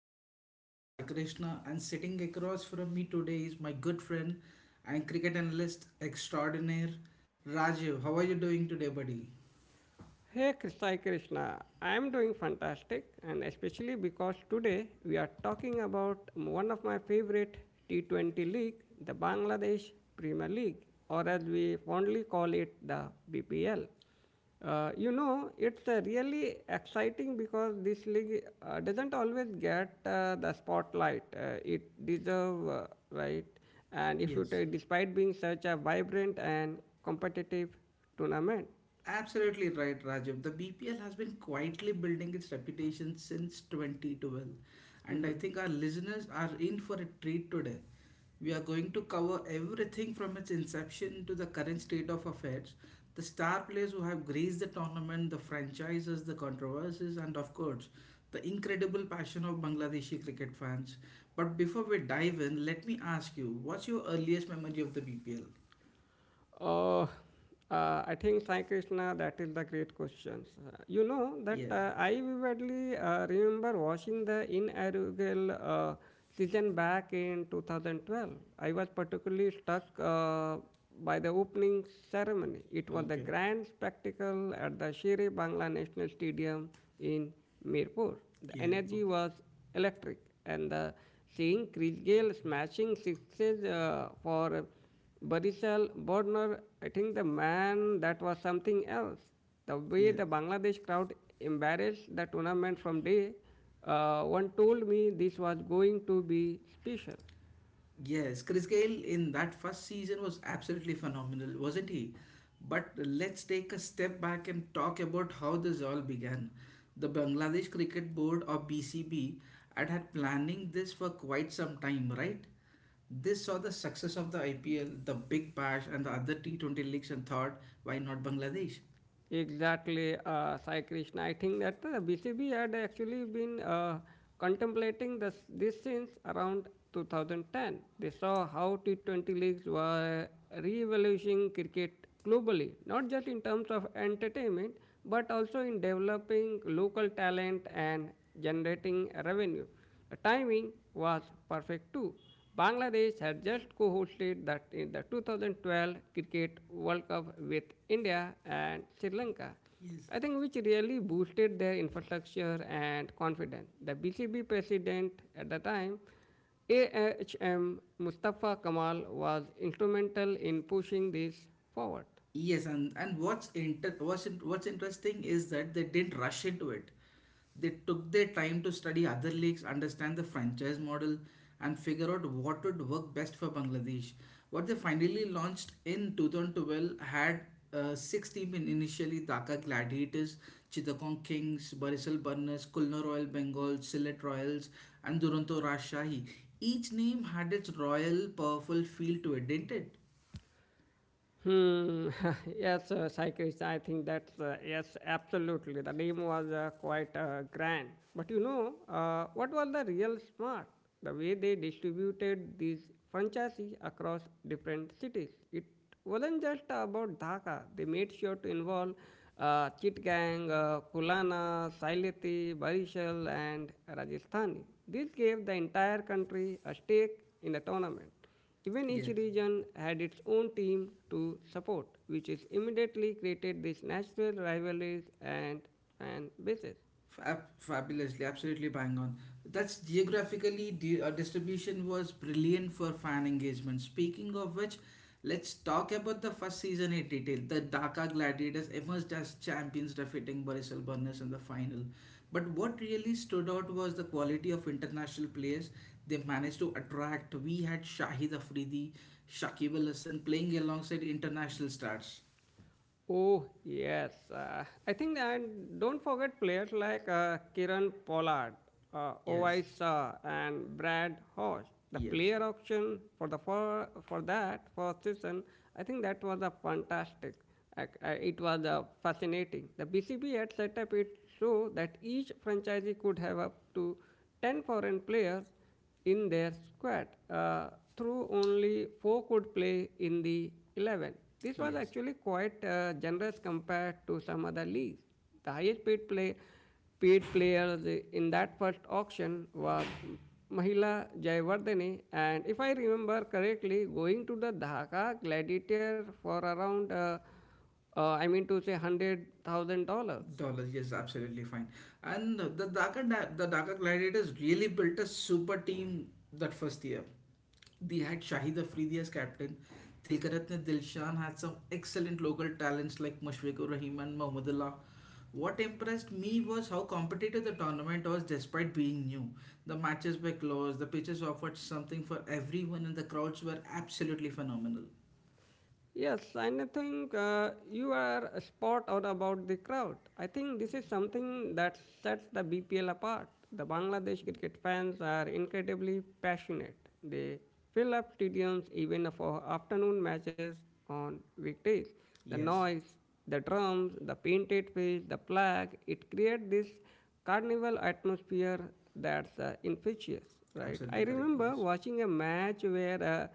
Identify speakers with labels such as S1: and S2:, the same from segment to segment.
S1: I am your host Sai Krishna, and sitting across from me today is my good friend and cricket analyst extraordinaire Rajiv. How are you doing today, buddy?
S2: Hey Krishna, I am doing fantastic, and especially because today we are talking about one of my favorite T20 league, the Bangladesh Premier League, or as we fondly call it, the BPL. It's really exciting because this league doesn't always get the spotlight it deserves, right? And if you
S1: Yes.
S2: take, despite being such a vibrant and competitive tournament.
S1: Absolutely right, Rajab. The BPL has been quietly building its reputation since 2012, and I think our listeners are in for a treat today. We are going to cover everything from its inception to the current state of affairs, the star players who have graced the tournament, the franchises, the controversies, and of course, the incredible passion of Bangladeshi cricket fans. But before we dive in, let me ask you what's your earliest memory of the BPL?
S2: Oh, I think Sai Krishna, that is the great question. You know that
S1: Yeah,
S2: I vividly remember watching the inaugural season back in 2012. I was particularly struck by the opening ceremony. It was a
S1: okay.
S2: grand spectacle at the Shere Bangla National Stadium in Mirpur. The
S1: Yeah, okay.
S2: energy was electric, and the seeing Chris Gayle smashing sixes for Barishal, Bornor, I think the man that was something else. The way
S1: Yeah.
S2: the Bangladesh crowd embarrassed the tournament from day one told me this was going to be special.
S1: Yes, Chris Gayle in that first season was absolutely phenomenal, wasn't he? But let's take a step back and talk about how this all began. The Bangladesh Cricket Board, or BCB, had planning this for quite some time, right? This saw the success of the IPL, the Big Bash, and the other T20 leagues and thought, why not Bangladesh?
S2: Exactly, Sai Krishna. I think that BCB had actually been contemplating this since around 2010. They saw how T20 leagues were re-evaluating cricket globally, not just in terms of entertainment, but also in developing local talent and generating revenue. The timing was perfect too. Bangladesh had just co hosted that in the 2012 Cricket World Cup with India and Sri Lanka.
S1: Yes.
S2: I think which really boosted their infrastructure and confidence. The BCB president at the time, AHM Mustafa Kamal, was instrumental in pushing this forward.
S1: Yes, and what's interesting is that they didn't rush into it. They took their time to study other leagues, understand the franchise model, and figure out what would work best for Bangladesh. What they finally launched in 2012 had six teams in initially Dhaka Gladiators, Chittagong Kings, Barisal Burners, Kulna Royal Bengal, Sylhet Royals, and Duronto Rajshahi. Each name had its royal, powerful feel to it, didn't it?
S2: Hmm. Yes, cyclist. I think that's yes, absolutely. The name was quite grand. But you know, what was the real smart? The way they distributed these franchises across different cities. It wasn't just about Dhaka. They made sure to involve Chittagong, Kulana, Saileti, Barishal, and Rajasthani. This gave the entire country a stake in the tournament. Even each
S1: Yes.
S2: region had its own team to support, which is immediately created these natural rivalries and fan bases.
S1: Fabulously, absolutely bang on. That's geographically the distribution was brilliant for fan engagement. Speaking of which, let's talk about the first season in detail. The Dhaka Gladiators emerged as champions, defeating Barisal Burners in the final. But what really stood out was the quality of international players they managed to attract. We had Shahid Afridi, Shakib Al Hasan playing alongside international stars.
S2: Oh, yes. I think, and don't forget players like Kiran Pollard,
S1: Yes,
S2: Owais Shah, and Brad Hodge. The
S1: yes,
S2: player auction for that first season, I think that was a fantastic. It was fascinating. The BCB had set up it so that each franchisee could have up to 10 foreign players in their squad. Through only four could play in the 11. This was
S1: yes.
S2: actually quite generous compared to some other leagues. The highest paid players in that first auction was Mahila Jayawardene and if I remember correctly going to the Dhaka Gladiator for around I mean to say $100,000.
S1: Dollars, yes, absolutely fine. And the the Dhaka Gladiators really built a super team that first year. They had Shahid Afridi as captain. Tilkaratne Dilshan had some excellent local talents like Mushfiqur Rahim and Mahmudullah. What impressed me was how competitive the tournament was despite being new. The matches were close, the pitches offered something for everyone, and the crowds were absolutely phenomenal.
S2: Yes, and I think you are spot on about the crowd. I think this is something that sets the BPL apart. The Bangladesh cricket fans are incredibly passionate. They fill up stadiums even for afternoon matches on weekdays. The
S1: Yes,
S2: noise, the drums, the painted face, the flag, it creates this carnival atmosphere that's infectious, right? I
S1: absolutely correct.
S2: remember
S1: Yes,
S2: watching a match where uh,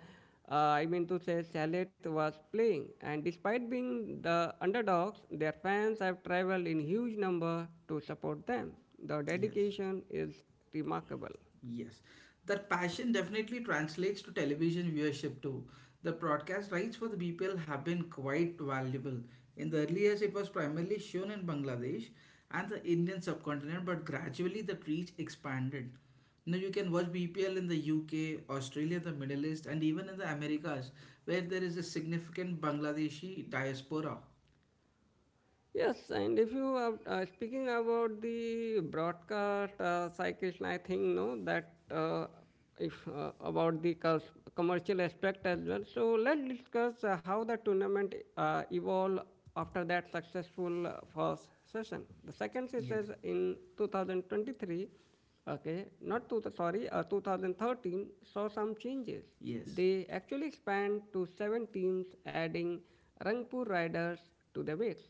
S2: uh, I mean to say, Salet was playing, and despite being the underdogs, their fans have traveled in huge number to support them. The
S1: yes.
S2: dedication is remarkable.
S1: Yes, that passion definitely translates to television viewership too. The broadcast rights for the BPL have been quite valuable. In the early years, it was primarily shown in Bangladesh and the Indian subcontinent, but gradually the reach expanded. Now you can watch BPL in the UK, Australia, the Middle East, and even in the Americas, where there is a significant Bangladeshi diaspora.
S2: Yes, and if you are speaking about the broadcast cycling, I think no that if about the commercial aspect as well. So let's discuss how the tournament evolved after that successful first session. The second session
S1: Yes,
S2: in 2023, okay, not two, sorry, uh, 2013 saw some changes.
S1: yes.
S2: They actually expand to seven teams, adding Rangpur Riders to the mix.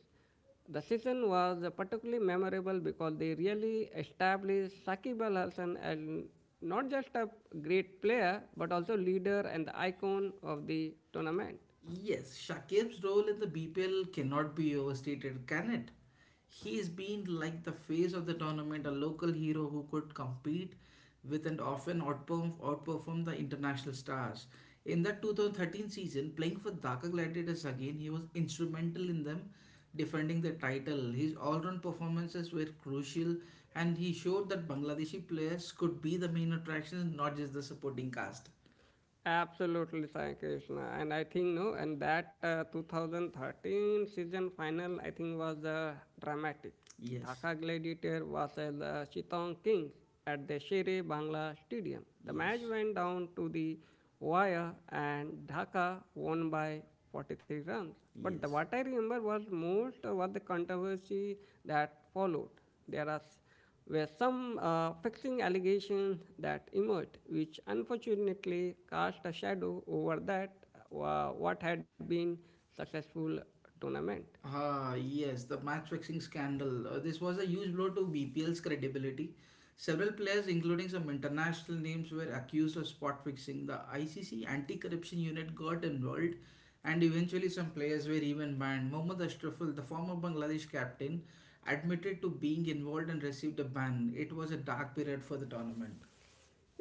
S2: The season was particularly memorable because they really established Saqib Al Hasan as not just a great player but also leader and the icon of the tournament.
S1: Yes, Shakib's role in the BPL cannot be overstated, can it? He's been like the face of the tournament, a local hero who could compete with and outperform the international stars. In that 2013 season, playing for Dhaka Gladiators again, he was instrumental in them defending the title. His all-round performances were crucial and he showed that Bangladeshi players could be the main attractions, not just the supporting cast.
S2: Absolutely, Sai Krishna. And that 2013 season final, I think was dramatic.
S1: Yes,
S2: Dhaka Gladiator versus the Chittagong Kings at the Shere Bangla Stadium. The match
S1: yes,
S2: went down to the wire, and Dhaka won by 43 runs. But the,
S1: yes.
S2: what I remember was most was the controversy that followed. There were some vexing allegations that emerged, which unfortunately cast a shadow over that what had been successful tournament.
S1: Ah, yes, the match fixing scandal. This was a huge blow to BPL's credibility. Several players, including some international names, were accused of spot fixing. The ICC anti corruption unit got involved, and eventually, some players were even banned. Mohammad Ashraful, the former Bangladesh captain, admitted to being involved and received a ban. It was a dark period for the tournament.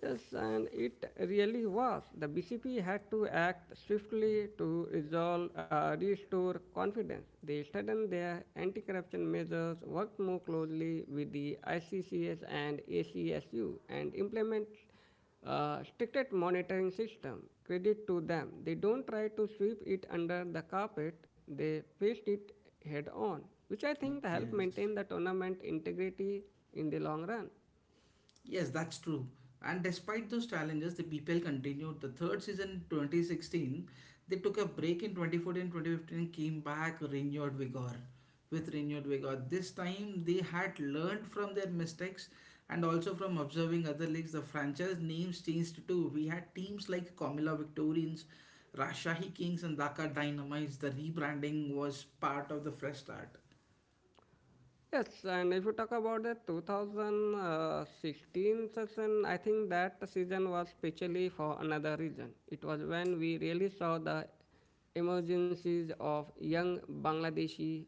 S2: Yes, and it really was. The BCP had to act swiftly to restore confidence. They strengthened their anti-corruption measures, worked more closely with the ICCS and ACSU, and implement stricter monitoring system. Credit to them. They don't try to sweep it under the carpet. They faced it head on, which I think helped
S1: Yes.
S2: maintain the tournament integrity in the long run.
S1: Yes, that's true. And despite those challenges, the BPL continued. The third season in 2016, they took a break in 2014, 2015, and came back renewed vigor. With renewed vigor. This time, they had learned from their mistakes and also from observing other leagues. The franchise names changed too. We had teams like Comilla Victorians, Rajshahi Kings, and Dhaka Dynamites. The rebranding was part of the fresh start.
S2: Yes, and if you talk about the 2016 season, I think that season was specially for another reason. It was when we really saw the emergencies of young Bangladeshi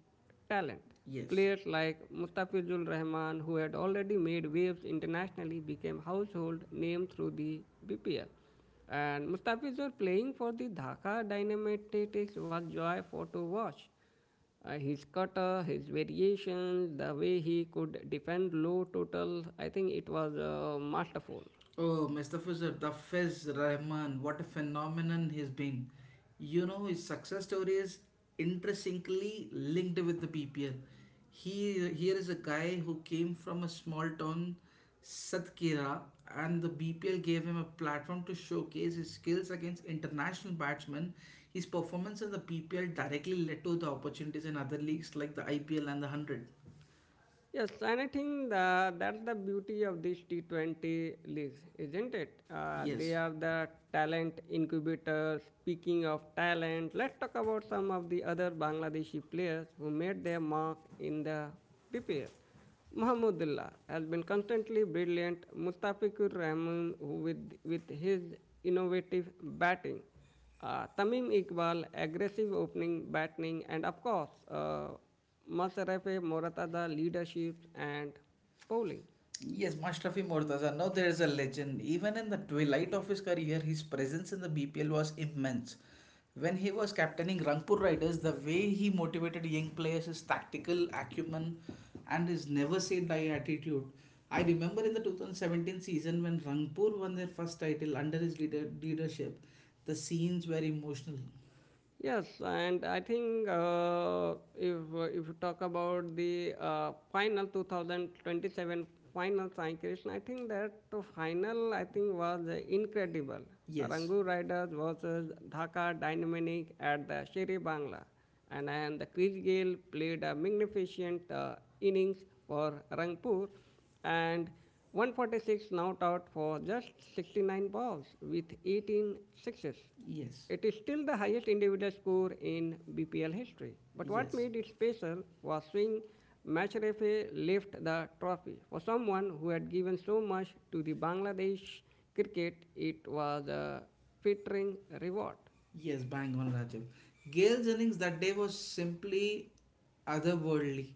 S2: talent.
S1: Yes.
S2: Players like Mustafizul Rahman, who had already made waves internationally, became household name through the BPL. And Mustafizul playing for the Dhaka Dynamite was joyful to watch. His cutter, his variation, the way he could defend low total, I think it was masterful.
S1: Oh, Mustafizur, the Fizz Rahman, what a phenomenon he's been. You know, his success story is intrinsically linked with the PPL. He here is a guy who came from a small town, Satkira, and the BPL gave him a platform to showcase his skills against international batsmen. His performance in the PPL directly led to the opportunities in other leagues like the IPL and the 100.
S2: Yes, and I think that's the beauty of this T20 leagues, isn't it? They
S1: Yes.
S2: are the talent incubators. Speaking of talent, let's talk about some of the other Bangladeshi players who made their mark in the PPL. Mahmoudullah has been constantly brilliant. Mustafikur Rahman with his innovative batting. Tamim Iqbal, aggressive opening batting, and of course, Masrafe Morata's leadership and bowling.
S1: Yes, Mashrafi Murtaza. Now there is a legend. Even in the twilight of his career, his presence in the BPL was immense. When he was captaining Rangpur Riders, the way he motivated young players, his tactical acumen, and his never say die attitude. I remember in the 2017 season when Rangpur won their first title under his leadership, the scenes were emotional.
S2: Yes, and I think if you talk about the final 2027 final Sai Krishna, I think that the final I think was incredible.
S1: Yes,
S2: Rangu Riders versus Dhaka Dynamic at the Sherry Bangla, and the Chris Gale played a magnificent innings for Rangpur, and 146 not out for just 69 balls with 18 sixes
S1: yes,
S2: it is still the highest individual score in BPL history. But what
S1: yes.
S2: made it special was seeing Mashrefe lift the trophy. For someone who had given so much to the Bangladesh cricket, it was a flattering reward.
S1: Yes, bang on Rajiv. Gail Jennings that day was simply otherworldly.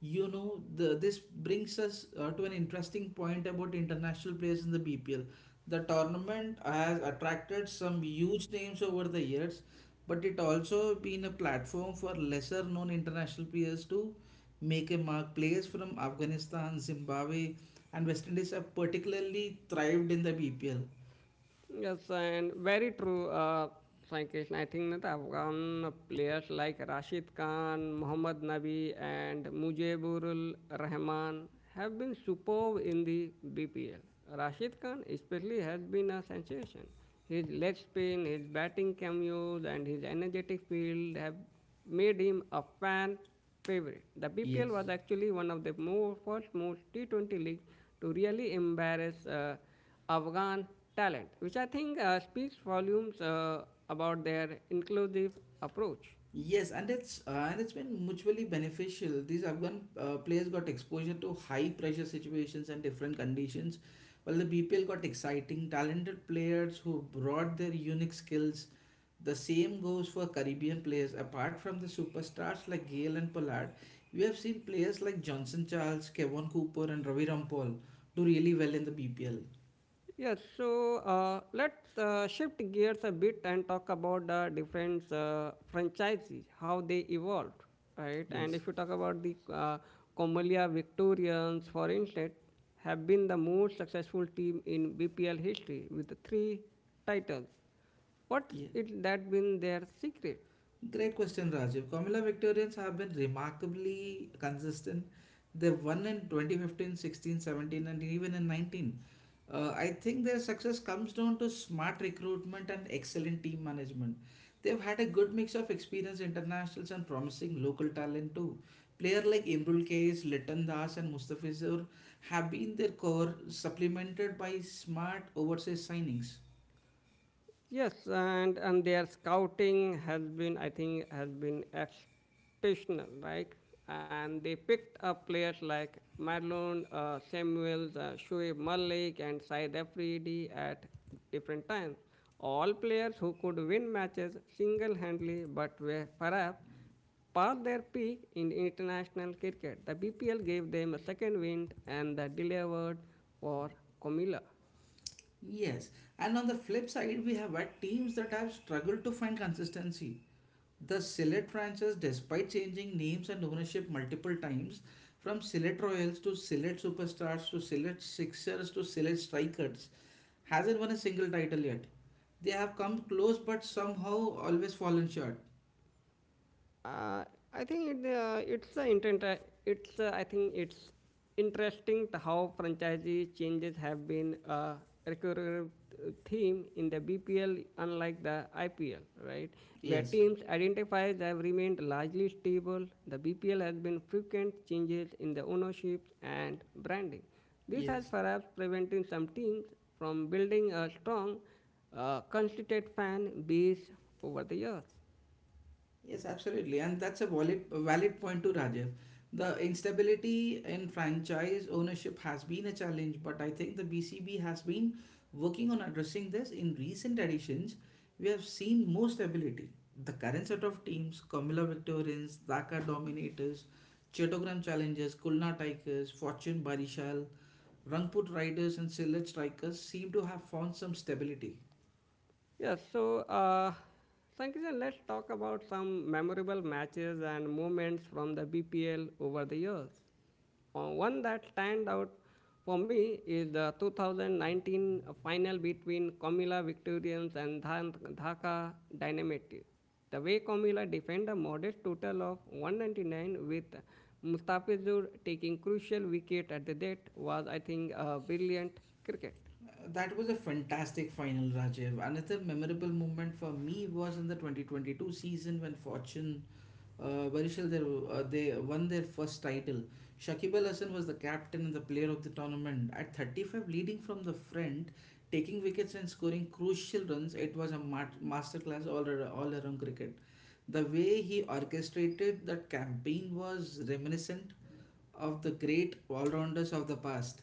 S1: You know, this brings us to an interesting point about international players in the BPL. The tournament has attracted some huge names over the years, but it also been a platform for lesser known international players to make a mark. Players from Afghanistan, Zimbabwe, and West Indies have particularly thrived in the BPL.
S2: Yes, and very true, Sai Krishna. I think that Afghan players like Rashid Khan, Mohammad Nabi, and Mujibur Rahman have been superb in the BPL. Rashid Khan, especially, has been a sensation. His leg spin, his batting cameos, and his energetic field have made him a fan favorite. The BPL
S1: Yes.
S2: was actually one of the more, first most T20 league to really embarrass. Afghan talent, which I think speaks volumes about their inclusive approach.
S1: Yes, and it's been mutually beneficial. These Afghan players got exposure to high pressure situations and different conditions, while the BPL got exciting, talented players who brought their unique skills. The same goes for Caribbean players. Apart from the superstars like Gale and Pollard, we have seen players like Johnson Charles, Kevin Cooper, and Ravi Rampal do really well in the BPL.
S2: Yes, so let's shift gears a bit and talk about the different franchises, how they evolved, right? And if
S1: Yes,
S2: you talk about the Comalia Victorians, for instance, have been the most successful team in BPL history with three titles. What
S1: yeah.
S2: is that been their secret?
S1: Great question, Rajiv. Comilla Victorians have been remarkably consistent. They won in 2015, 16, 17, and even in 19. I think their success comes down to smart recruitment and excellent team management. They've had a good mix of experienced internationals and promising local talent too. Players like Imrul Kais, Litan Das, and Mustafizur have been their core, supplemented by smart overseas signings.
S2: Yes, and their scouting has been, I think, has been exceptional, right? And they picked up players like Marlon Samuels, Shoaib Malik, and Saeed Afridi at different times. All players who could win matches single-handedly, but were perhaps past their peak in international cricket. The BPL gave them a second wind, and they delivered for Komila.
S1: Yes, and on the flip side, we have had teams that have struggled to find consistency. The Sylhet franchise, despite changing names and ownership multiple times, from Sylhet Royals to Sylhet Superstars to Sylhet Sixers to Sylhet Strikers, hasn't won a single title yet. They have come close but somehow always fallen short.
S2: Uh, I think it, it's inter- it's I think it's interesting to how franchise changes have been a recurrent theme in the BPL, unlike the IPL, right? Where
S1: Yes,
S2: teams identifies have remained largely stable, the BPL has been frequent changes in the ownership and branding. This has
S1: yes.
S2: perhaps prevented some teams from building a strong, constituted fan base over the years.
S1: Yes, absolutely. And that's a valid point to Rajiv. The instability in franchise ownership has been a challenge, but I think the BCB has been working on addressing this. In recent editions, we have seen more stability. The current set of teams, Comilla Victorians, Dhaka Dominators, Chettogram Challengers, Kulna Tigers, Fortune Barishal, Rangput Riders, and Sylhet Strikers seem to have found some stability.
S2: Yes, so Sankishan, let's talk about some memorable matches and moments from the BPL over the years. One that stand out for me is the 2019 final between Komila Victorians and Dhaka Dynamite. The way Komila defend a modest total of 199 with Mustafizur taking crucial wicket at the death was, I think, a brilliant cricket.
S1: That was a fantastic final, Rajiv. Another memorable moment for me was in the 2022 season when Fortune Barishal they won their first title. Shakib Al Hasan was the captain and the player of the tournament. At 35, leading from the front, taking wickets and scoring crucial runs, it was a masterclass all around cricket. The way he orchestrated that campaign was reminiscent of the great all rounders of the past.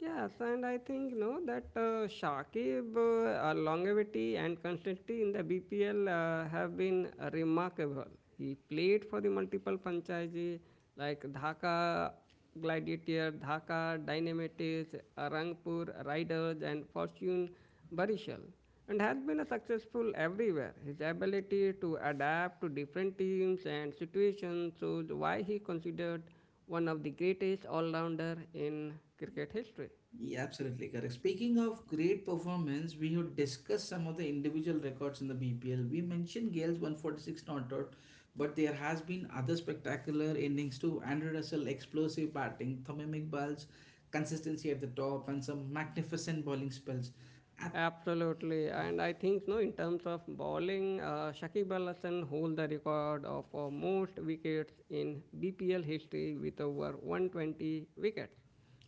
S2: Yes, and I think you know that Shakib, longevity and consistency in the BPL have been remarkable. He played for the multiple franchises like Dhaka Gladiator, Dhaka Dynamites, Rangpur Riders, and Fortune Barishal, and has been a successful everywhere. His ability to adapt to different teams and situations shows why he considered one of the greatest all-rounder in cricket history.
S1: Yeah, absolutely correct. Speaking of great performance, we have discussed some of the individual records in the BPL. We mentioned Gale's 146 not out, but there has been other spectacular innings too. Andrew Russell, explosive batting, Tamim Iqbal's consistency at the top, and some magnificent bowling spells. Ab-
S2: Absolutely, and I think no, in terms of bowling, Shakib Al Hasan hold the record of most wickets in BPL history with over 120 wickets.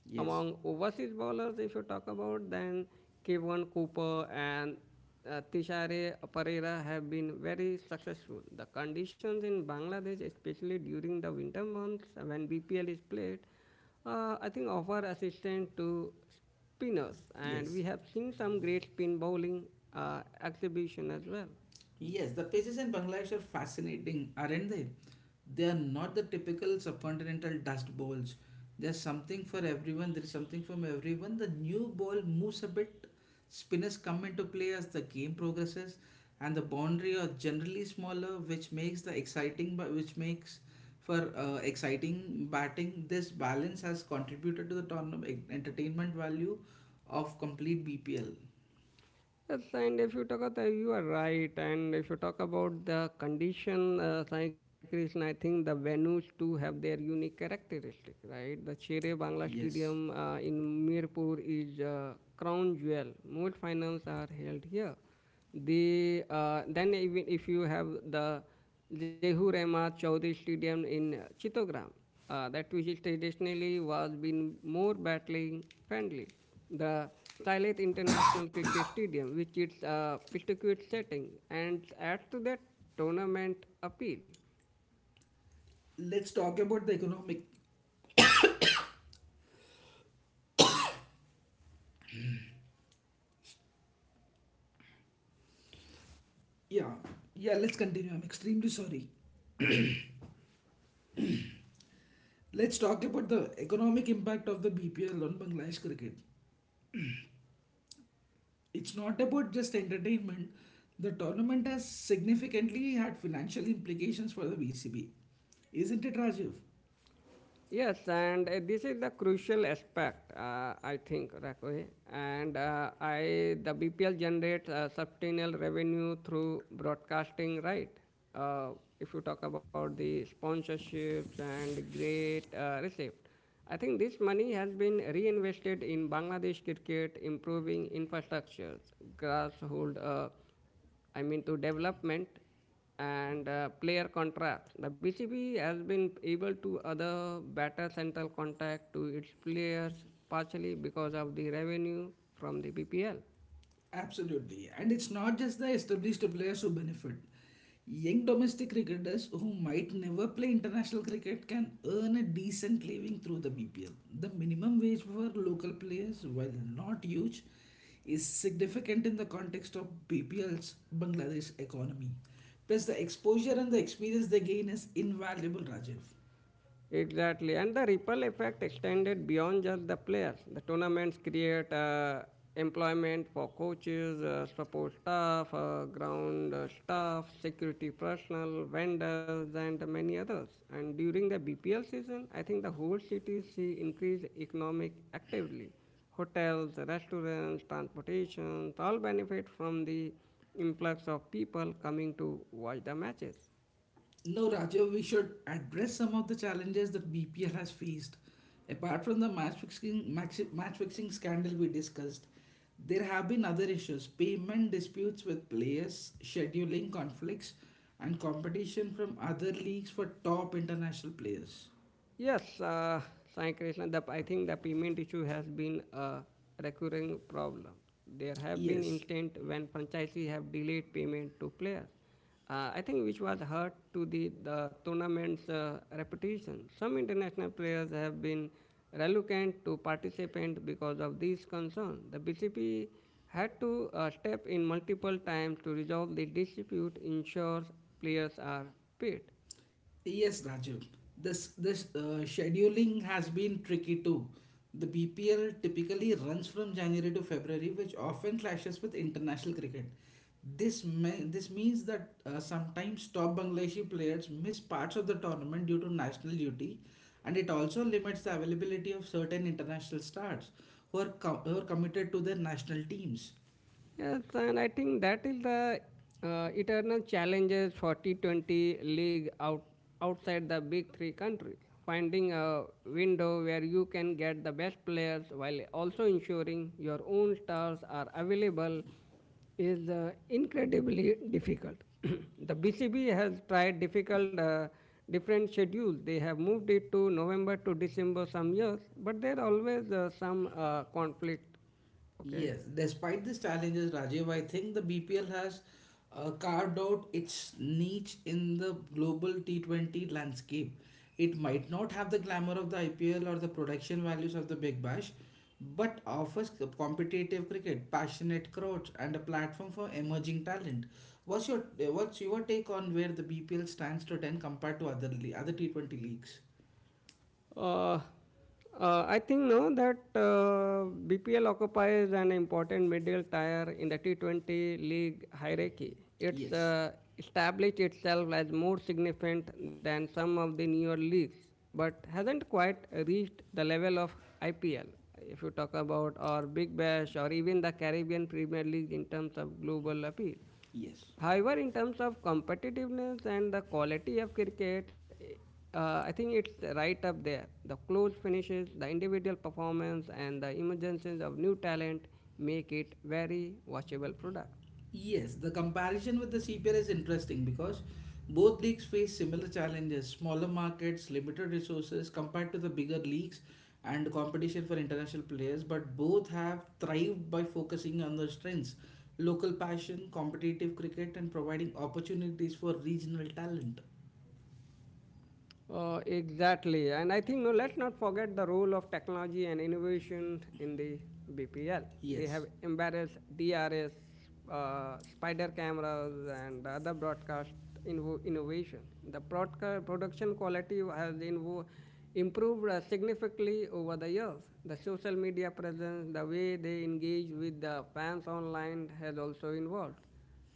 S1: yes,
S2: Among overseas bowlers, if you talk about, then Kevin Cooper and Tishare Pereira have been very successful. The conditions in Bangladesh, especially during the winter months when BPL is played, I think offer assistance to spinners, and
S1: yes.
S2: we have seen some great spin bowling exhibition as well.
S1: Yes, the places in Bangladesh are fascinating, aren't they? They are not the typical subcontinental dust bowls. There is something from everyone. The new ball moves a bit, spinners come into play as the game progresses, and the boundary are generally smaller, which makes for exciting batting. This balance has contributed to the tournament entertainment value of complete BPL.
S2: Yes, and if you talk about you are right, and if you talk about the condition, Sai Krishna, I think the venues too have their unique characteristic, right? The Chere Bangla
S1: Yes.
S2: Stadium in Mirpur is crown jewel. Most finals are held here. Then even if you have the Jehu Rama Chaudhary Stadium in Chittogram, that which is traditionally was been more battling friendly. The Silith International Cricket Stadium, which is a pitch setting, and adds to that tournament appeal.
S1: Let's talk about the economic. Yeah, yeah, let's continue. I'm extremely sorry. Let's talk about the economic impact of the BPL on Bangladesh cricket. It's not about just entertainment. The tournament has significantly had financial implications for the BCB. Isn't it, Rajiv?
S2: Yes, and this is the crucial aspect, I think, Rakwe. And the BPL generates substantial revenue through broadcasting, right? Uh, if you talk about the sponsorships and great receipt, I think this money has been reinvested in Bangladesh cricket, improving infrastructures, grassroots, to development and player contract. The BCB has been able to other better central contact to its players partially because of the revenue from the BPL.
S1: Absolutely. And it's not just the established players who benefit. Young domestic cricketers who might never play international cricket can earn a decent living through the BPL. The minimum wage for local players, while not huge, is significant in the context of BPL's Bangladesh economy. Plus, the exposure and the experience they gain is invaluable, Rajiv.
S2: Exactly, and the ripple effect extended beyond just the players. The tournaments create employment for coaches, support staff, ground staff, security personnel, vendors, and many others. And during the BPL season, I think the whole city see increased economic actively. Hotels, restaurants, transportation, all benefit from the influx of people coming to watch the matches.
S1: No, Rajiv, we should address some of the challenges that BPL has faced. Apart from the match fixing scandal we discussed, there have been other issues payment disputes with players, scheduling conflicts, and competition from other leagues for top international players.
S2: Yes, Sai Krishna, I think the payment issue has been a recurring problem. There have been
S1: Yes.
S2: instances when franchisees have delayed payment to players. I think which was hurt to the tournament's reputation. Some international players have been reluctant to participate because of these concerns. The BCP had to step in multiple times to resolve the dispute, ensure players are paid.
S1: Yes, Rajiv. This scheduling has been tricky too. The BPL typically runs from January to February, which often clashes with international cricket. This means that sometimes top Bangladeshi players miss parts of the tournament due to national duty, and it also limits the availability of certain international stars who are committed to their national teams.
S2: Yes, and I think that is the eternal challenges for T20 outside the big three countries. Finding a window where you can get the best players while also ensuring your own stars are available is incredibly difficult. The BCB has tried difficult different schedules. They have moved it to November to December some years, but there always some conflict. Okay.
S1: Yes, despite these challenges, Rajiv, I think the BPL has carved out its niche in the global T20 landscape. It might not have the glamour of the IPL or the production values of the Big Bash, but offers competitive cricket, passionate crowds, and a platform for emerging talent. What's your what's your take on where the BPL stands today and compared to other T20 leagues?
S2: Uh, I think no that BPL occupies an important middle tier in the T20 league hierarchy. It's
S1: Yes,
S2: uh, established itself as more significant than some of the newer leagues, but hasn't quite reached the level of IPL. If you talk about or Big Bash or even the Caribbean Premier League in terms of global appeal.
S1: yes.
S2: However, in terms of competitiveness and the quality of cricket, I think it's right up there. The close finishes, the individual performance, and the emergence of new talent make it very watchable product.
S1: Yes, the comparison with the CPL is interesting because both leagues face similar challenges, smaller markets, limited resources compared to the bigger leagues, and competition for international players. But both have thrived by focusing on their strengths, local passion, competitive cricket, and providing opportunities for regional talent.
S2: Exactly. And I think no, let's not forget the role of technology and innovation in the BPL. They
S1: Yes.
S2: have embarrassed DRS, spider cameras, and other broadcast innovation. The production quality has improved significantly over the years. The social media presence, the way they engage with the fans online has also evolved.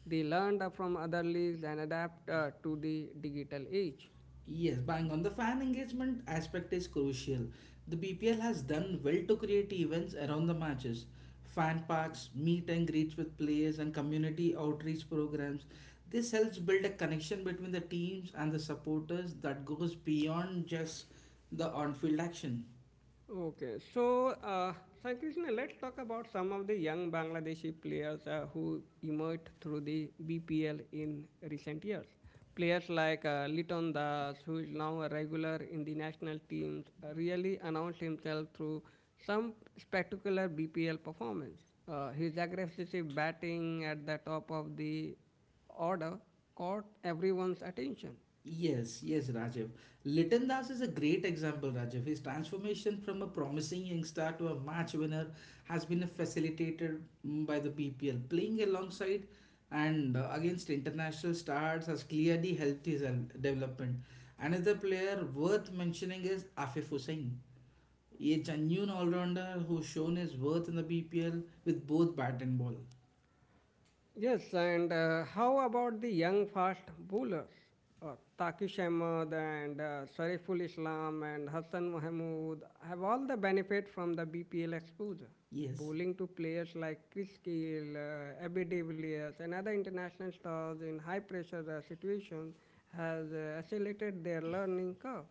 S2: They learned from other leagues and adapt to the digital age.
S1: Yes, bang on. The fan engagement aspect is crucial. The BPL has done well to create events around the matches. Fan parks, meet and greets with players, and community outreach programs. This helps build a connection between the teams and the supporters that goes beyond just the on field action.
S2: Okay, so Sankrishna, let's talk about some of the young Bangladeshi players who emerged through the BPL in recent years. Players like Liton Das, who is now a regular in the national teams, really announced himself through some spectacular BPL performance. His aggressive batting at the top of the order caught everyone's attention.
S1: Yes, yes, Rajiv. Litan Das is a great example, Rajiv. His transformation from a promising youngster to a match winner has been facilitated, by the BPL. Playing alongside and against international stars has clearly helped his development. Another player worth mentioning is Afif Hussain, a genuine all-rounder who's shown his worth in the BPL with both bat and ball.
S2: Yes, and how about the young fast bowlers? Uh, Takish Ahmed and Sariful Islam and Hassan Mahmood have all the benefit from the BPL exposure.
S1: Yes.
S2: Bowling to players like Chris Gayle, Abby de Villiers and other international stars in high pressure situations has accelerated their learning curve.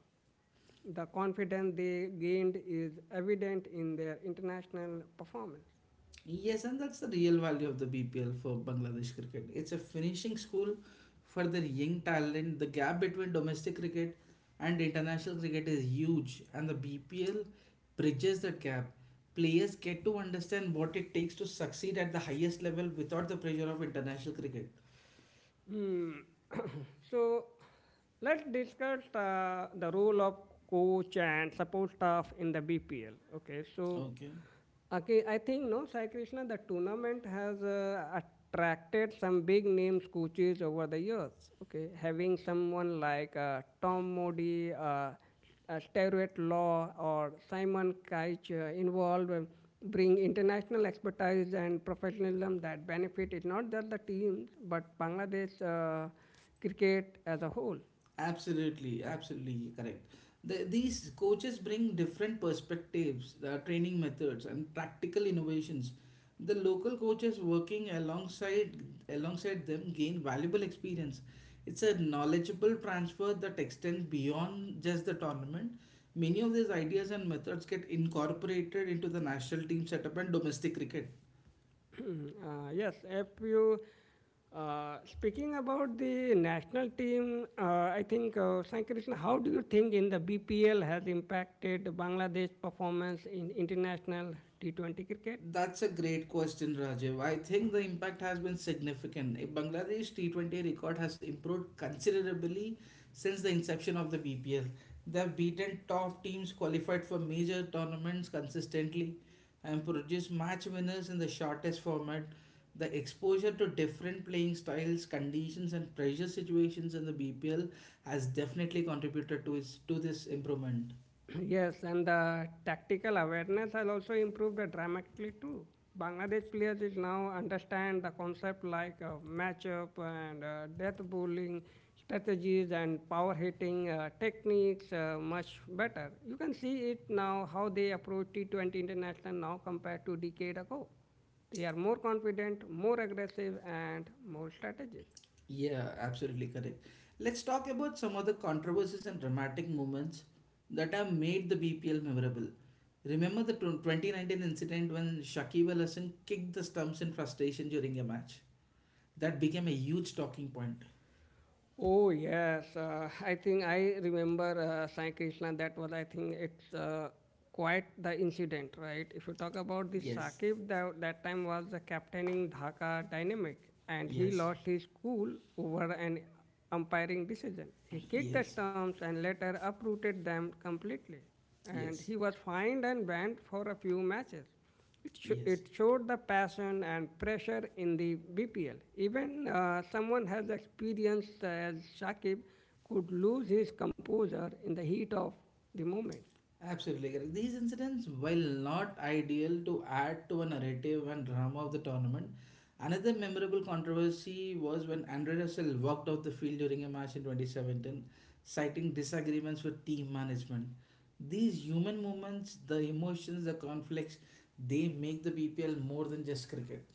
S2: The confidence they gained is evident in their international performance.
S1: Yes, and that's the real value of the BPL for Bangladesh cricket. It's a finishing school for their young talent. The gap between domestic cricket and international cricket is huge, and the BPL bridges that gap. Players get to understand what it takes to succeed at the highest level without the pressure of international cricket.
S2: Hmm. So let's discuss the role of coach and support staff in the BPL.
S1: Okay.
S2: I think no, Sai Krishna, the tournament has attracted some big names coaches over the years. Okay, having someone like Tom Modi, Stewart Law or Simon Keich involved bring international expertise and professionalism that benefit it not just the teams but Bangladesh cricket as a whole.
S1: Absolutely, absolutely correct. These coaches bring different perspectives, training methods, and practical innovations. The local coaches working alongside them gain valuable experience. It's a knowledgeable transfer that extends beyond just the tournament. Many of these ideas and methods get incorporated into the national team setup and domestic cricket.
S2: Yes, if you speaking about the national team, I think Sankrishna, how do you think in the BPL has impacted Bangladesh performance in international T20 cricket?
S1: That's a great question, Rajiv. I think the impact has been significant. Bangladesh T20 record has improved considerably since the inception of the BPL. They have beaten top teams, qualified for major tournaments consistently, and produced match winners in the shortest format. The exposure to different playing styles, conditions, and pressure situations in the BPL has definitely contributed to this improvement.
S2: Yes, and the tactical awareness has also improved dramatically too. Bangladesh players is now understand the concept like matchup and death bowling strategies and power hitting techniques much better. You can see it now how they approach T20 international now compared to decade ago. They are more confident, more aggressive, and more strategic.
S1: Yeah, absolutely correct. Let's talk about some other controversies and dramatic moments that have made the BPL memorable. Remember the 2019 incident when Shakib Al Hasan kicked the stumps in frustration during a match? That became a huge talking point.
S2: Oh yes, I think I remember Sai Krishna. That was, I think, it's quite the incident, right? If you talk about the
S1: Yes,
S2: Sakib, that time was the captaining Dhaka Dynamic, and he
S1: yes,
S2: lost his cool over an umpiring decision. He kicked the
S1: yes,
S2: stumps and later uprooted them completely, and
S1: yes,
S2: he was fined and banned for a few matches. It,
S1: yes.
S2: it showed the passion and pressure in the BPL. Even someone has experienced as Shakib could lose his composure in the heat of the moment.
S1: Absolutely correct. These incidents, while not ideal, to add to a narrative and drama of the tournament, another memorable controversy was when Andre Russell walked off the field during a match in 2017, citing disagreements with team management. These human moments, the emotions, the conflicts, they make the BPL more than just cricket.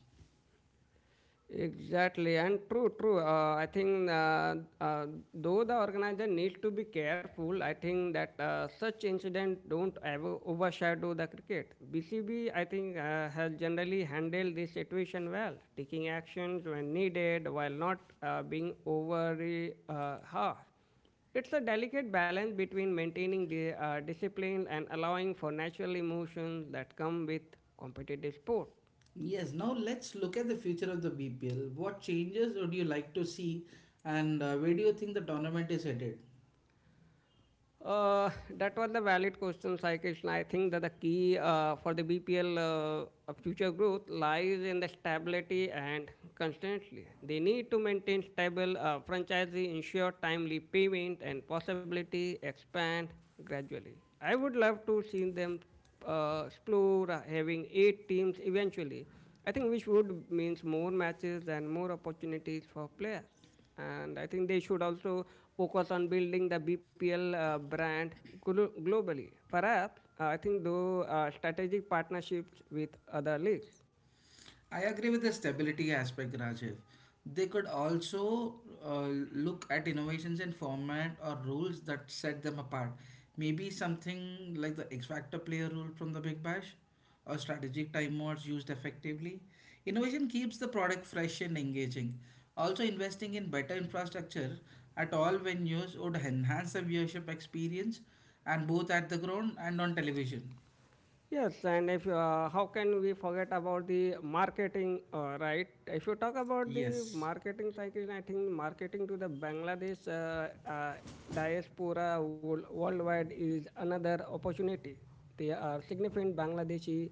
S2: Exactly, and true, true. I think though the organizer needs to be careful, I think that such incident don't ever overshadow the cricket. BCB, I think, has generally handled this situation well, taking actions when needed while not being overly harsh. It's a delicate balance between maintaining the discipline and allowing for natural emotions that come with competitive sport.
S1: Yes, now let's look at the future of the BPL. What changes would you like to see, and where do you think the tournament is headed?
S2: Uh, that was the valid question, Sai Krishna. I think that the key for the BPL future growth lies in the stability and consistency. They need to maintain stable franchisee, ensure timely payment, and possibility expand gradually. I would love to see them explore having eight teams eventually. I think which would means more matches and more opportunities for players. And I think they should also focus on building the BPL brand globally. Perhaps, I think, though, strategic partnerships with other leagues.
S1: I agree with the stability aspect, Rajiv. They could also uh, look at innovations in format or rules that set them apart. Maybe something like the X Factor player rule from the Big Bash or strategic time modes used effectively. Innovation keeps the product fresh and engaging. Also, investing in better infrastructure at all venues would enhance the viewership experience, and both at the ground and on television.
S2: Yes, and if how can we forget about the marketing, right? If you talk about the
S1: Yes.
S2: marketing cycle, I think marketing to the Bangladesh diaspora worldwide is another opportunity. There are significant Bangladeshi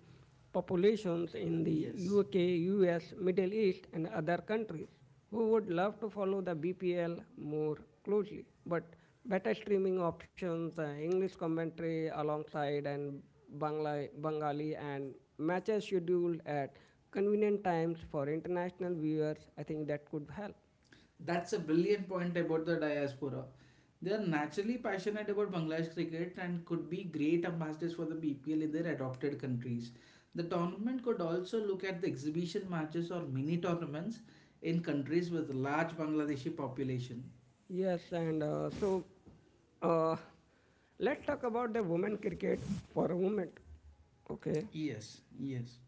S2: populations in the
S1: Yes.
S2: UK, US, Middle East, and other countries who would love to follow the BPL more closely. But better streaming options, English commentary alongside, and Bengali and matches scheduled at convenient times for international viewers, I think that could help.
S1: That's a brilliant point about the diaspora. They are naturally passionate about Bangladesh cricket and could be great ambassadors for the BPL in their adopted countries. The tournament could also look at the exhibition matches or mini tournaments in countries with large Bangladeshi population.
S2: Yes, and so uh, let's talk about the women cricket for a moment. Okay.
S1: Yes, yes.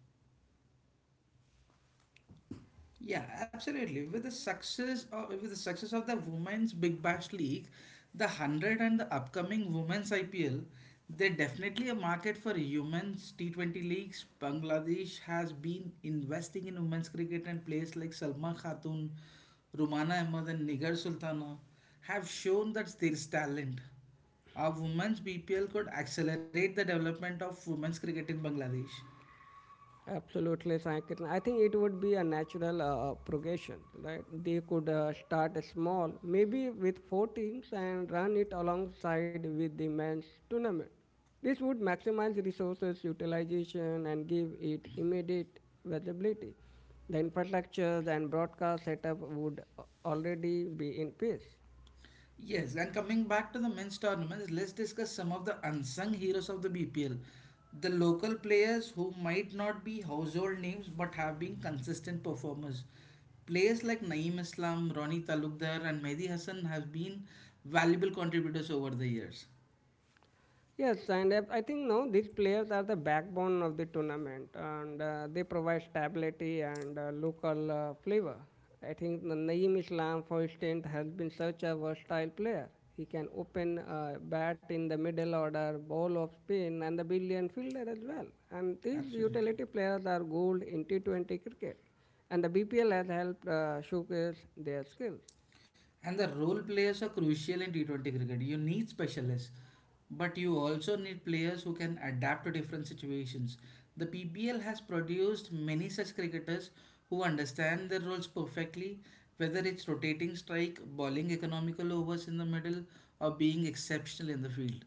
S1: Yeah, absolutely. With the success of the Women's Big Bash League, the 100, and the upcoming Women's IPL, there definitely a market for women's T20 leagues. Bangladesh has been investing in women's cricket and players like Salma Khatun, Rumana Ahmed, and Nigar Sultana have shown that there is talent. Our women's BPL could accelerate the development of women's cricket in Bangladesh.
S2: Absolutely, Sankirtan. I think it would be a natural progression, right? They could start small, maybe with four teams, and run it alongside with the men's tournament. This would maximize resources utilization and give it immediate visibility. The infrastructures and broadcast setup would already be in place.
S1: Yes, and coming back to the men's tournaments, let's discuss some of the unsung heroes of the BPL. The local players who might not be household names but have been consistent performers. Players like Naeem Islam, Ronnie Talukdar, and Mehdi Hassan have been valuable contributors over the years.
S2: Yes, and I think now these players are the backbone of the tournament, and they provide stability and local flavor. I think the Naeem Islam, for instance, has been such a versatile player. He can open bat in the middle order, bowl of spin, and the billion fielder as well. And these
S1: Absolutely.
S2: utility players are gold in T20 cricket, and the BPL has helped showcase their skills.
S1: And the role players are crucial in T20 cricket. You need specialists, but you also need players who can adapt to different situations. The PBL has produced many such cricketers who understand their roles perfectly, whether it's rotating strike, bowling economical overs in the middle, or being exceptional in the field.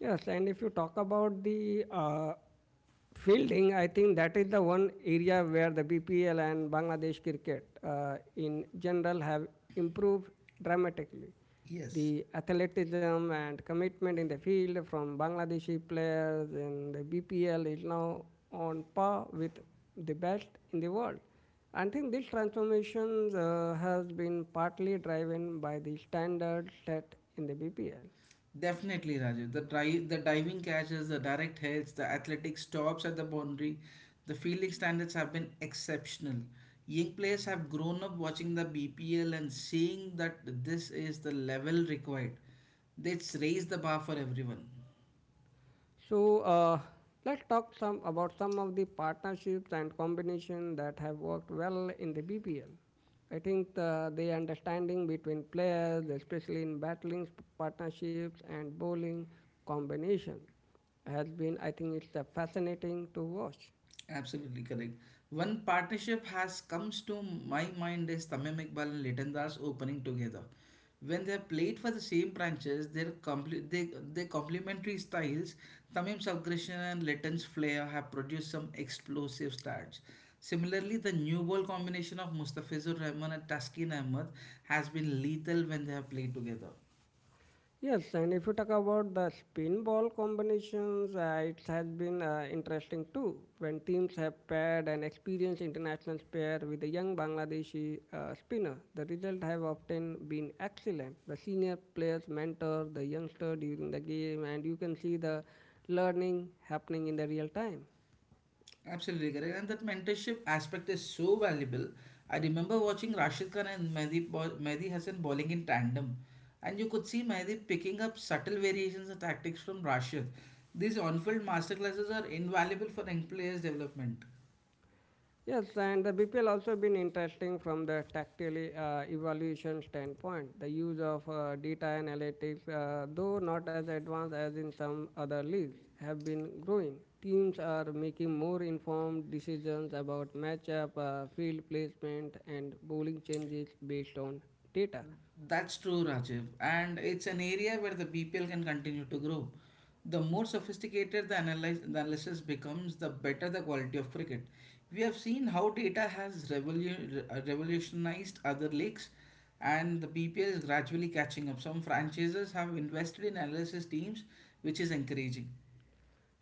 S2: Yes, and if you talk about the fielding, I think that is the one area where the BPL and Bangladesh cricket in general have improved dramatically.
S1: Yes.
S2: The athleticism and commitment in the field from Bangladeshi players in the BPL is now on par with the best in the world. I think this transformation has been partly driven by the standards set in the BPL.
S1: Definitely, Rajiv. The diving catches, the direct hits, the athletic stops at the boundary, the fielding standards have been exceptional. Young players have grown up watching the BPL and seeing that this is the level required. It's raised the bar for everyone.
S2: So let's talk some about some of the partnerships and combination that have worked well in the BPL. I think the understanding between players, especially in battling partnerships and bowling combination, has been. I think it's fascinating to watch.
S1: Absolutely correct. One partnership has comes to my mind is Tamim Iqbal and Leighton Das opening together. When they played for the same branches, their complementary styles, Tamim's aggression and Leighton's flair have produced some explosive starts. Similarly, the new ball combination of Mustafizur Rahman and Taskin Ahmed has been lethal when they have played together.
S2: Yes, and if you talk about the spin ball combinations, it has been interesting too. When teams have paired an experienced international pair with a young Bangladeshi spinner, the results have often been excellent. The senior players mentor the youngster during the game, and you can see the learning happening in the real time.
S1: Absolutely correct. And that mentorship aspect is so valuable. I remember watching Rashid Khan and Mehdi Hassan bowling in tandem. And you could see Mehdi picking up subtle variations and tactics from Rashid. These on-field masterclasses are invaluable for young players' development.
S2: Yes, and the BPL also been interesting from the tactile evaluation standpoint. The use of data analytics, though not as advanced as in some other leagues, have been growing. Teams are making more informed decisions about matchup, field placement, and bowling changes based on data.
S1: That's true, Rajiv. And it's an area where the BPL can continue to grow. The more sophisticated the analysis becomes, the better the quality of cricket. We have seen how data has revolutionized other leagues, and the BPL is gradually catching up. Some franchises have invested in analysis teams, which is encouraging.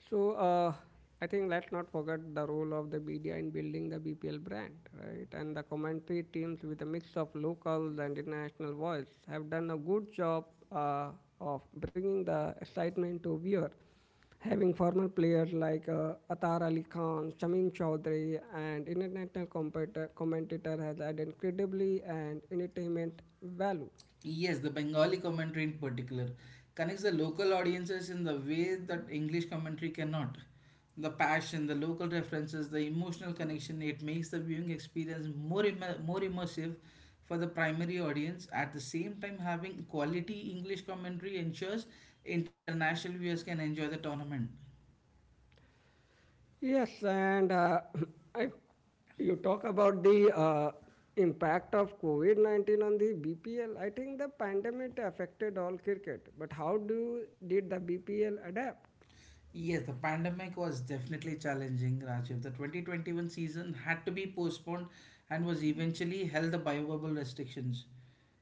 S2: So I think let's not forget the role of the media in building the BPL brand, right? And the commentary teams with a mix of locals and international voice have done a good job uh, of bringing the excitement to viewer. Having former players like Atar Ali Khan, Shamim Chaudhary, and commentator has added incredibly and entertainment value.
S1: Yes, the Bengali commentary in particular connects the local audiences in the way that English commentary cannot. The passion, the local references, the emotional connection, it makes the viewing experience more immersive for the primary audience. At the same time, having quality English commentary ensures international viewers can enjoy the tournament.
S2: Yes, and I, you talk about the impact of COVID 19 on the BPL. I think the pandemic affected all cricket, but how do did the BPL adapt?
S1: Yes, the pandemic was definitely challenging, Rajiv. The 2021 season had to be postponed and was eventually held the biobubble restrictions.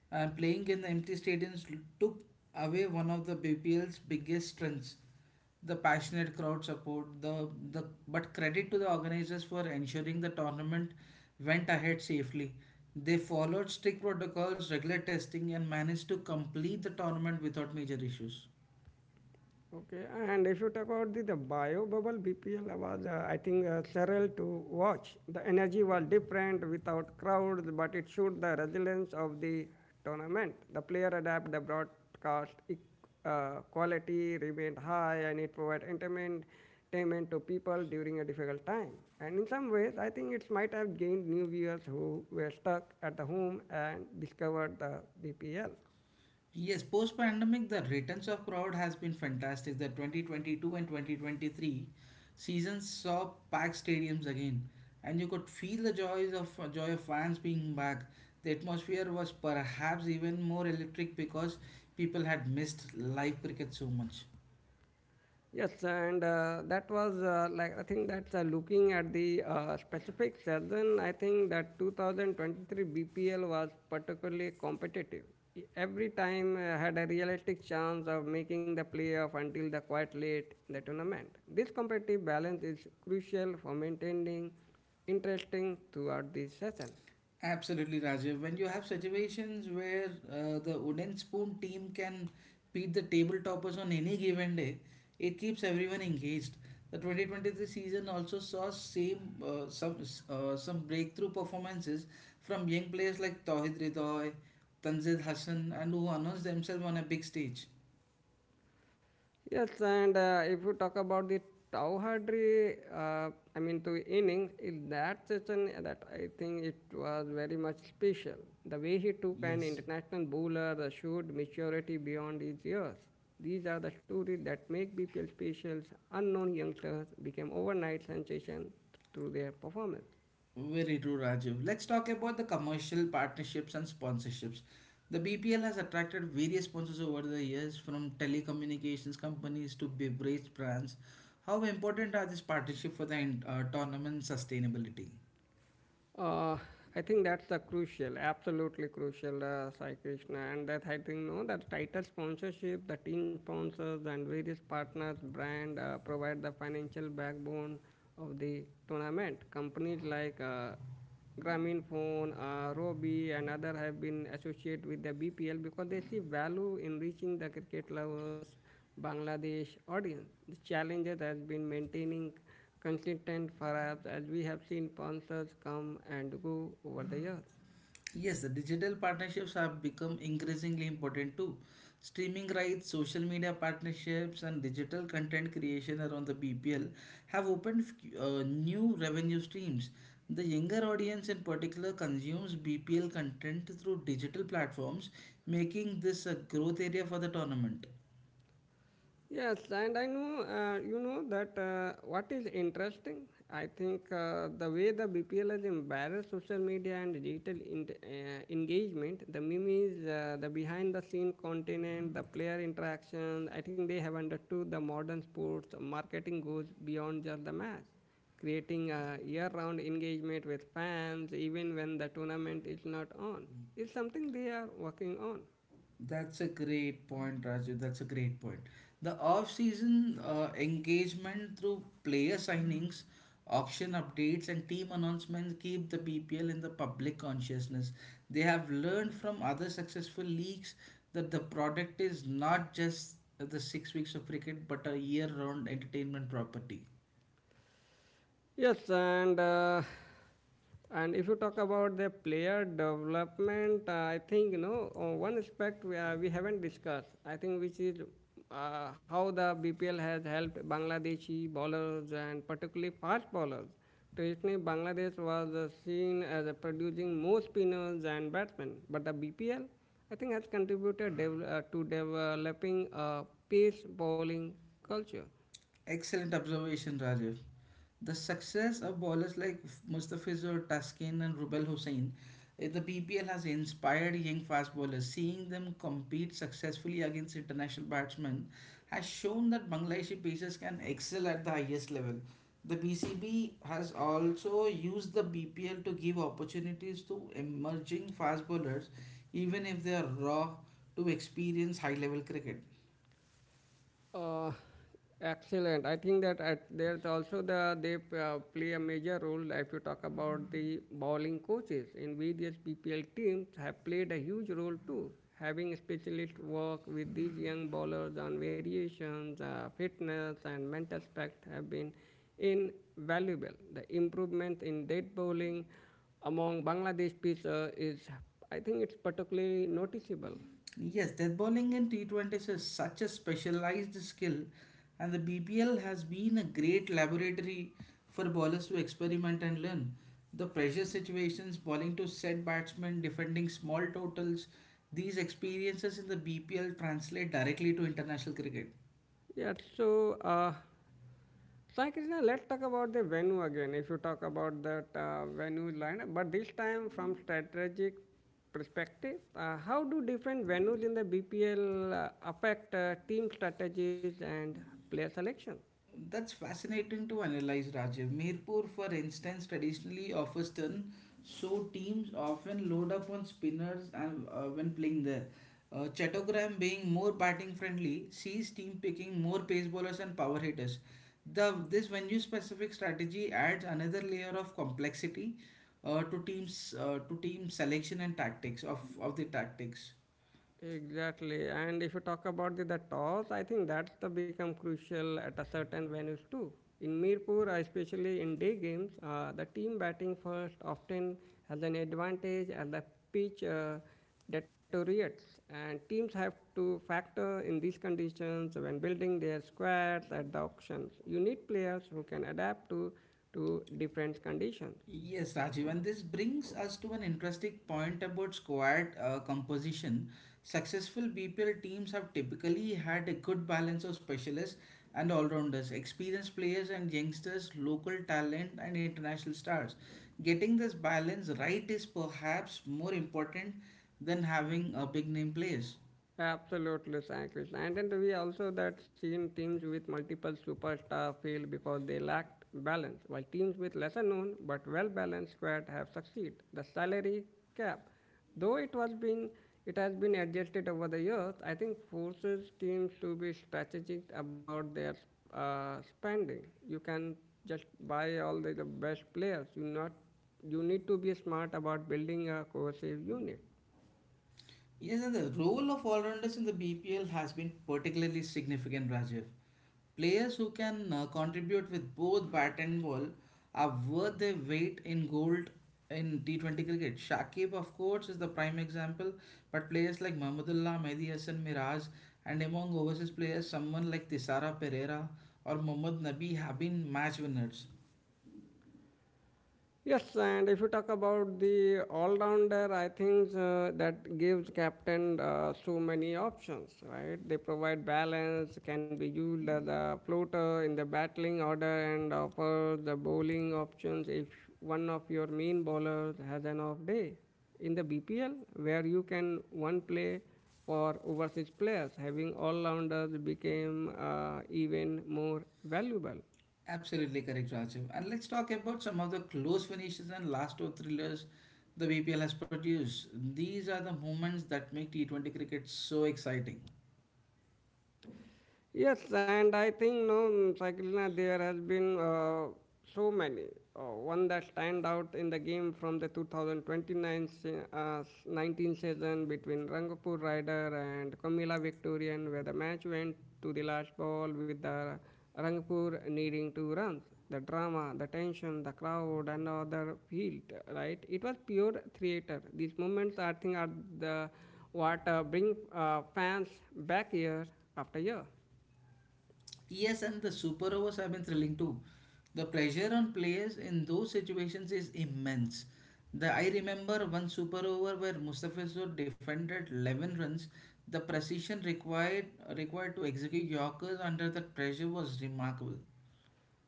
S1: And playing in the empty stadiums took away one of the BPL's biggest strengths, the passionate crowd support. The but credit to the organizers for ensuring the tournament went ahead safely. They followed strict protocols, regular testing, and managed to complete the tournament without major issues.
S2: Okay, and if you talk about the bio bubble, BPL was, I think, sterile to watch. The energy was different without crowds, but it showed the resilience of the tournament. The player adapt the broadcast quality remained high, and it provided entertainment to people during a difficult time. And in some ways, I think it might have gained new viewers who were stuck at the home and discovered the BPL.
S1: Yes, post pandemic, the returns of crowd has been fantastic. The 2022 and 2023 seasons saw packed stadiums again, and you could feel the joy of fans being back. The atmosphere was perhaps even more electric because people had missed live cricket so much.
S2: Yes, and that was I think that's looking at the specific season. I think that 2023 BPL was particularly competitive. Every time had a realistic chance of making the playoff until the quite late in the tournament. This competitive balance is crucial for maintaining interesting throughout the season.
S1: Absolutely, Rajiv. When you have situations where the wooden spoon team can beat the table toppers on any given day, it keeps everyone engaged. The 2023 season also saw same some breakthrough performances from young players like Tawhid Ridoy, Tanzil Hassan, and who announced themselves on a big stage.
S2: Yes, and if you talk about the Tauhadri, to innings, in that session, that I think it was very much special. The way he took an
S1: Yes.
S2: international bowler that showed maturity beyond his years. These are the stories that make BPL specials unknown youngsters became overnight sensation through their performance.
S1: Very true, Rajiv. Let's talk about the commercial partnerships and sponsorships. The BPL has attracted various sponsors over the years, from telecommunications companies to beverage brands. How important are these partnerships for the tournament sustainability?
S2: Uh, I think that's the crucial, absolutely crucial, Sai Krishna. And that I think, no, the title sponsorship, the team sponsors, and various partners, brand provide the financial backbone of the tournament. Companies like Grameenphone, Robbie, and other have been associated with the BPL because they see value in reaching the cricket lovers, Bangladesh audience. The challenge has been maintaining consistent perhaps as we have seen sponsors come and go over the years.
S1: Yes, the digital partnerships have become increasingly important too. Streaming rights, social media partnerships, and digital content creation around the BPL have opened new revenue streams. The younger audience, in particular, consumes BPL content through digital platforms, making this a growth area for the tournament.
S2: Yes, and I know, you know that what is interesting? I think the way the BPL has embarrassed social media and digital engagement, the memes, the behind the scene content, the player interactions, I think they have understood the modern sports marketing goes beyond just the match, creating a year round engagement with fans even when the tournament is not on. It's something they are working on.
S1: That's a great point, Raju. That's a great point. The off-season engagement through player signings, auction updates, and team announcements keep the BPL in the public consciousness. They have learned from other successful leagues that the product is not just the six weeks of cricket, but a year-round entertainment property.
S2: Yes, and if you talk about the player development, I think you know one aspect we haven't discussed. I think which is how the BPL has helped Bangladeshi bowlers and particularly fast bowlers. Traditionally, Bangladesh was seen as producing more spinners and batsmen, but the BPL I think has contributed to developing a pace bowling culture.
S1: Excellent observation, Rajiv. The success of bowlers like Mustafizur, Taskin, and Rubel Hussain in the BPL has inspired young fast bowlers. Seeing them compete successfully against international batsmen has shown that Bangladeshi pacers can excel at the highest level. The BCB has also used the BPL to give opportunities to emerging fast bowlers, even if they are raw, to experience high level cricket.
S2: Uh, Excellent. I think there's also the they play a major role if you talk about the bowling coaches in various BPL teams have played a huge role too. Having specialists work with these young bowlers on variations, fitness, and mental aspect have been invaluable. The improvement in dead bowling among Bangladesh pitchers is, I think, it's particularly noticeable.
S1: Yes, death bowling in T20s is such a specialized skill, and the BPL has been a great laboratory for bowlers to experiment and learn. The pressure situations, bowling to set batsmen, defending small totals, these experiences in the BPL translate directly to international cricket.
S2: Yeah, Sai Krishna, let's talk about the venue again. If you talk about that venue line, but this time from strategic perspective, how do different venues in the BPL affect team strategies and player selection?
S1: That's fascinating to analyze, Rajiv. Mirpur, for instance, traditionally off a spin, so teams often load up on spinners and when playing there. Chattogram, being more batting friendly, sees team picking more pace bowlers and power hitters. The this venue specific strategy adds another layer of complexity to team selection and tactics of the tactics.
S2: Exactly. And if you talk about the toss, I think that's the become crucial at a certain venues too. In Mirpur, especially in day games, the team batting first often has an advantage as the pitch deteriorates. And teams have to factor in these conditions when building their squads at the auctions. You need players who can to different conditions.
S1: Yes, Rajiv, and this brings us to an interesting point about squad composition. Successful BPL teams have typically had a good balance of specialists and all-rounders, experienced players and youngsters, local talent and international stars. Getting this balance right is perhaps more important than having a big name players.
S2: Absolutely, Sankrishna. And then we also that seen teams with multiple superstar fail because they lacked balance, while teams with lesser known but well balanced squad have succeeded. The salary cap, though it was been it has been adjusted over the years, I think forces teams to be strategic about their spending. You can just buy all the best players. You not you need to be smart about building a cohesive unit.
S1: Yes, and the role of all-rounders in the BPL has been particularly significant, Rajiv. Players who can contribute with both bat and ball are worth their weight in gold in T20 cricket. Shakib, of course, is the prime example, but players like Mahmudullah, Mehdi Hassan Miraj, and among overseas players, someone like Tisara Pereira or Mohammad Nabi have been match winners.
S2: Yes, and if you talk about the all-rounder, I think that gives captain so many options, right? They provide balance, can be used as a floater in the battling order, and offer the bowling options if one of your main bowlers has an off day. In the BPL, where you can one play for overseas players, having all-rounders became even more valuable.
S1: Absolutely correct, Rajiv. And let's talk about some of the close finishes and last over thrillers the BPL has produced. These are the moments that make T20 cricket so exciting.
S2: Yes, and I think no mm, Sakilna, there has been so many. One that stand out in the game from the 19 season between Rangapur Rider and Kamila Victorian, where the match went to the last ball with the Rangapur needing two runs. The drama, the tension, the crowd, and other field, right? It was pure theater. These moments, I think, are the what bring fans back year after year.
S1: Yes, and the super overs have been thrilling too. The pressure on players in those situations is immense. The I remember one super over where Mustafizur defended 11 runs. The precision required to execute Yorkers under that pressure was remarkable.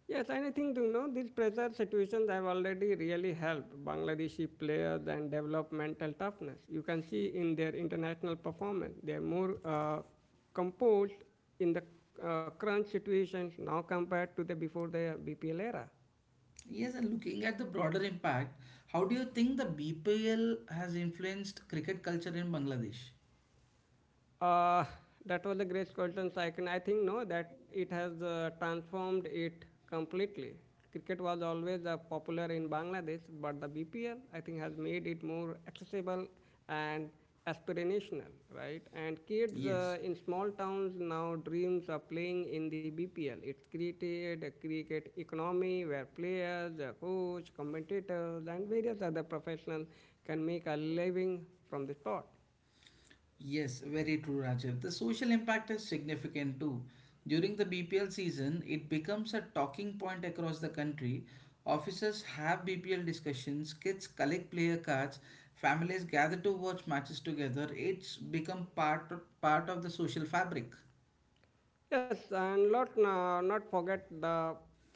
S2: Yes, and I think you know these pressure situations have already really helped Bangladeshi players and develop mental toughness. You can see in their international performance, they're more composed in the crunch situations now compared to the before the BPL era.
S1: Yes, and looking at the broader impact, how do you think the BPL has influenced cricket culture in Bangladesh?
S2: Uh, that was the Great Colton's icon. I think no, that it has transformed it completely. Cricket was always popular in Bangladesh, but the BPL I think has made it more accessible and aspirational, right? And kids
S1: Yes,
S2: in small towns now dreams of playing in the BPL. It's created a cricket economy where players, coach, commentators, and various other professionals can make a living from the sport.
S1: yes, very true, Rajiv. The social impact is significant too. During the BPL season, it becomes a talking point across the country. Officers have BPL discussions, kids collect player cards, families gather to watch matches together. It's become part of the social fabric.
S2: Yes, and let not forget the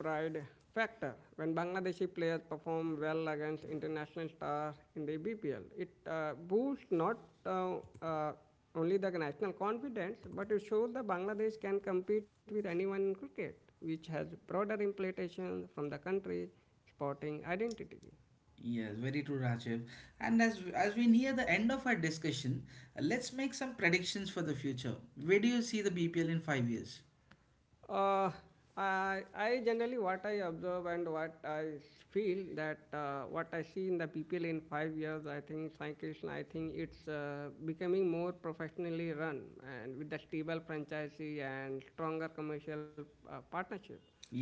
S2: pride factor. When Bangladeshi players perform well against international stars in the BPL, it boosts not uh, uh, only the national confidence, but it shows that Bangladesh can compete with anyone in cricket, which has broader implications from the country sporting identity.
S1: Yes, very true, Rajiv. And as we near the end of our discussion, let's make some predictions for the future. Where do you see the BPL in 5 years?
S2: Uh, I generally what I observe and what I feel that what I see in the people in 5 years, I think Sai Krishna, I think it's becoming more professionally run and with the stable franchisee and stronger commercial partnership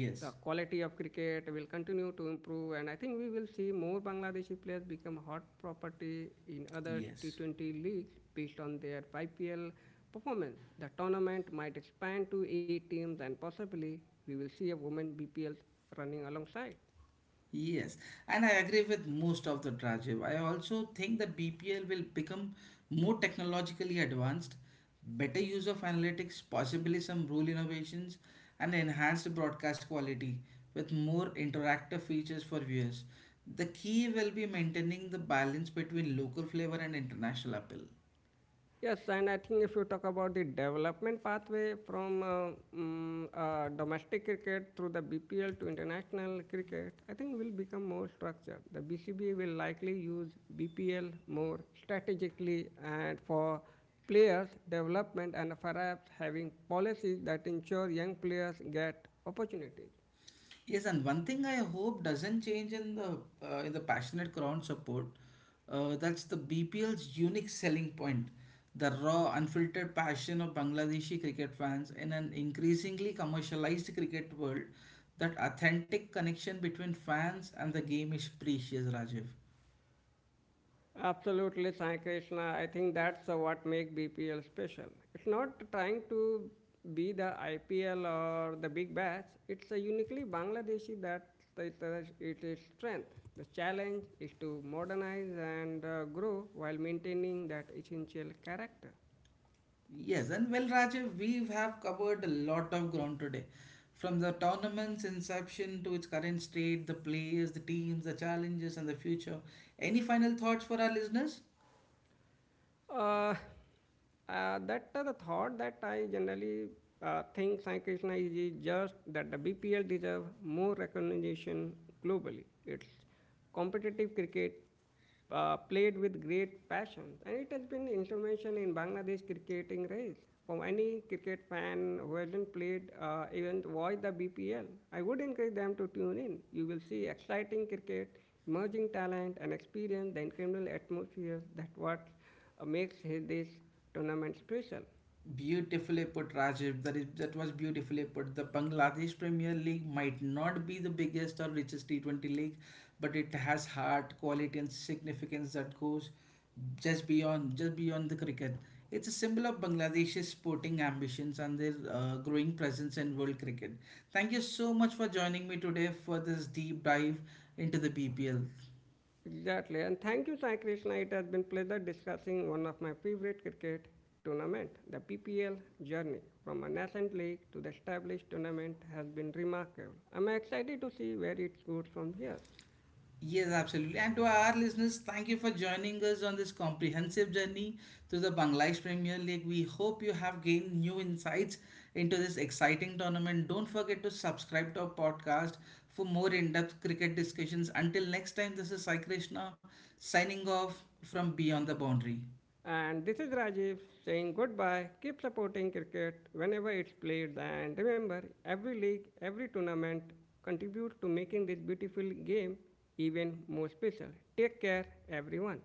S2: the quality of cricket will continue to improve and I think we will see more Bangladeshi players become hot property in other
S1: yes.
S2: T20 leagues based on their IPL performance. The tournament might expand to 8 teams and possibly we will see a women BPL running alongside.
S1: Yes, and I agree with most of the Rajiv. I also think that BPL will become more technologically advanced, better use of analytics, possibly some rule innovations, and enhanced broadcast quality with more interactive features for viewers. The key will be maintaining the balance between local flavor and international appeal.
S2: Yes, and I think if you talk about the development pathway from domestic cricket through the BPL to international cricket, I think will become more structured. The BCB will likely use BPL more strategically and for players' development and perhaps having policies that ensure young players get opportunities.
S1: Yes, and one thing I hope doesn't change in the passionate crowd support, that's the BPL's unique selling point, the raw, unfiltered passion of Bangladeshi cricket fans in an increasingly commercialized cricket world. That authentic connection between fans and the game is precious, Rajiv.
S2: Absolutely, Sai Krishna. I think that's what makes BPL special. It's not trying to be the IPL or the big bash. It's a uniquely Bangladeshi that it is strength. The challenge is to modernize and grow while maintaining that essential character.
S1: Yes, and well, Rajiv, we have covered a lot of ground today. From the tournament's inception to its current state, the players, the teams, the challenges, and the future. Any final thoughts for our listeners?
S2: Uh, that the thought that I generally think Sai Krishna is just that the BPL deserve more recognition globally. It's competitive cricket played with great passion, and it has been information in Bangladesh cricketing race. For any cricket fan who hasn't played, even watched the BPL, I would encourage them to tune in. You will see exciting cricket, emerging talent, and experience the incredible atmosphere that what makes this tournament special.
S1: Beautifully put, Rajiv. That was beautifully put. The Bangladesh Premier League might not be the biggest or richest T20 league, but it has heart, quality, and significance that goes just beyond the cricket. It's a symbol of Bangladesh's sporting ambitions and their growing presence in world cricket. Thank you so much for joining me today for this deep dive into the BPL.
S2: Exactly, and thank you, Sai Krishna. It has been pleasure discussing one of my favorite cricket tournament, the PPL journey from a nascent league to the established tournament has been remarkable. I'm excited to see where it goes from here.
S1: Yes, absolutely. And to our listeners, thank you for joining us on this comprehensive journey to the Bangladesh Premier League. We hope you have gained new insights into this exciting tournament. Don't forget to subscribe to our podcast for more in depth cricket discussions. Until next time, this is Sai Krishna signing off from Beyond the Boundary.
S2: And this is Rajiv saying goodbye. Keep supporting cricket whenever it's played, and remember, every league, every tournament contributes to making this beautiful game even more special. Take care, everyone.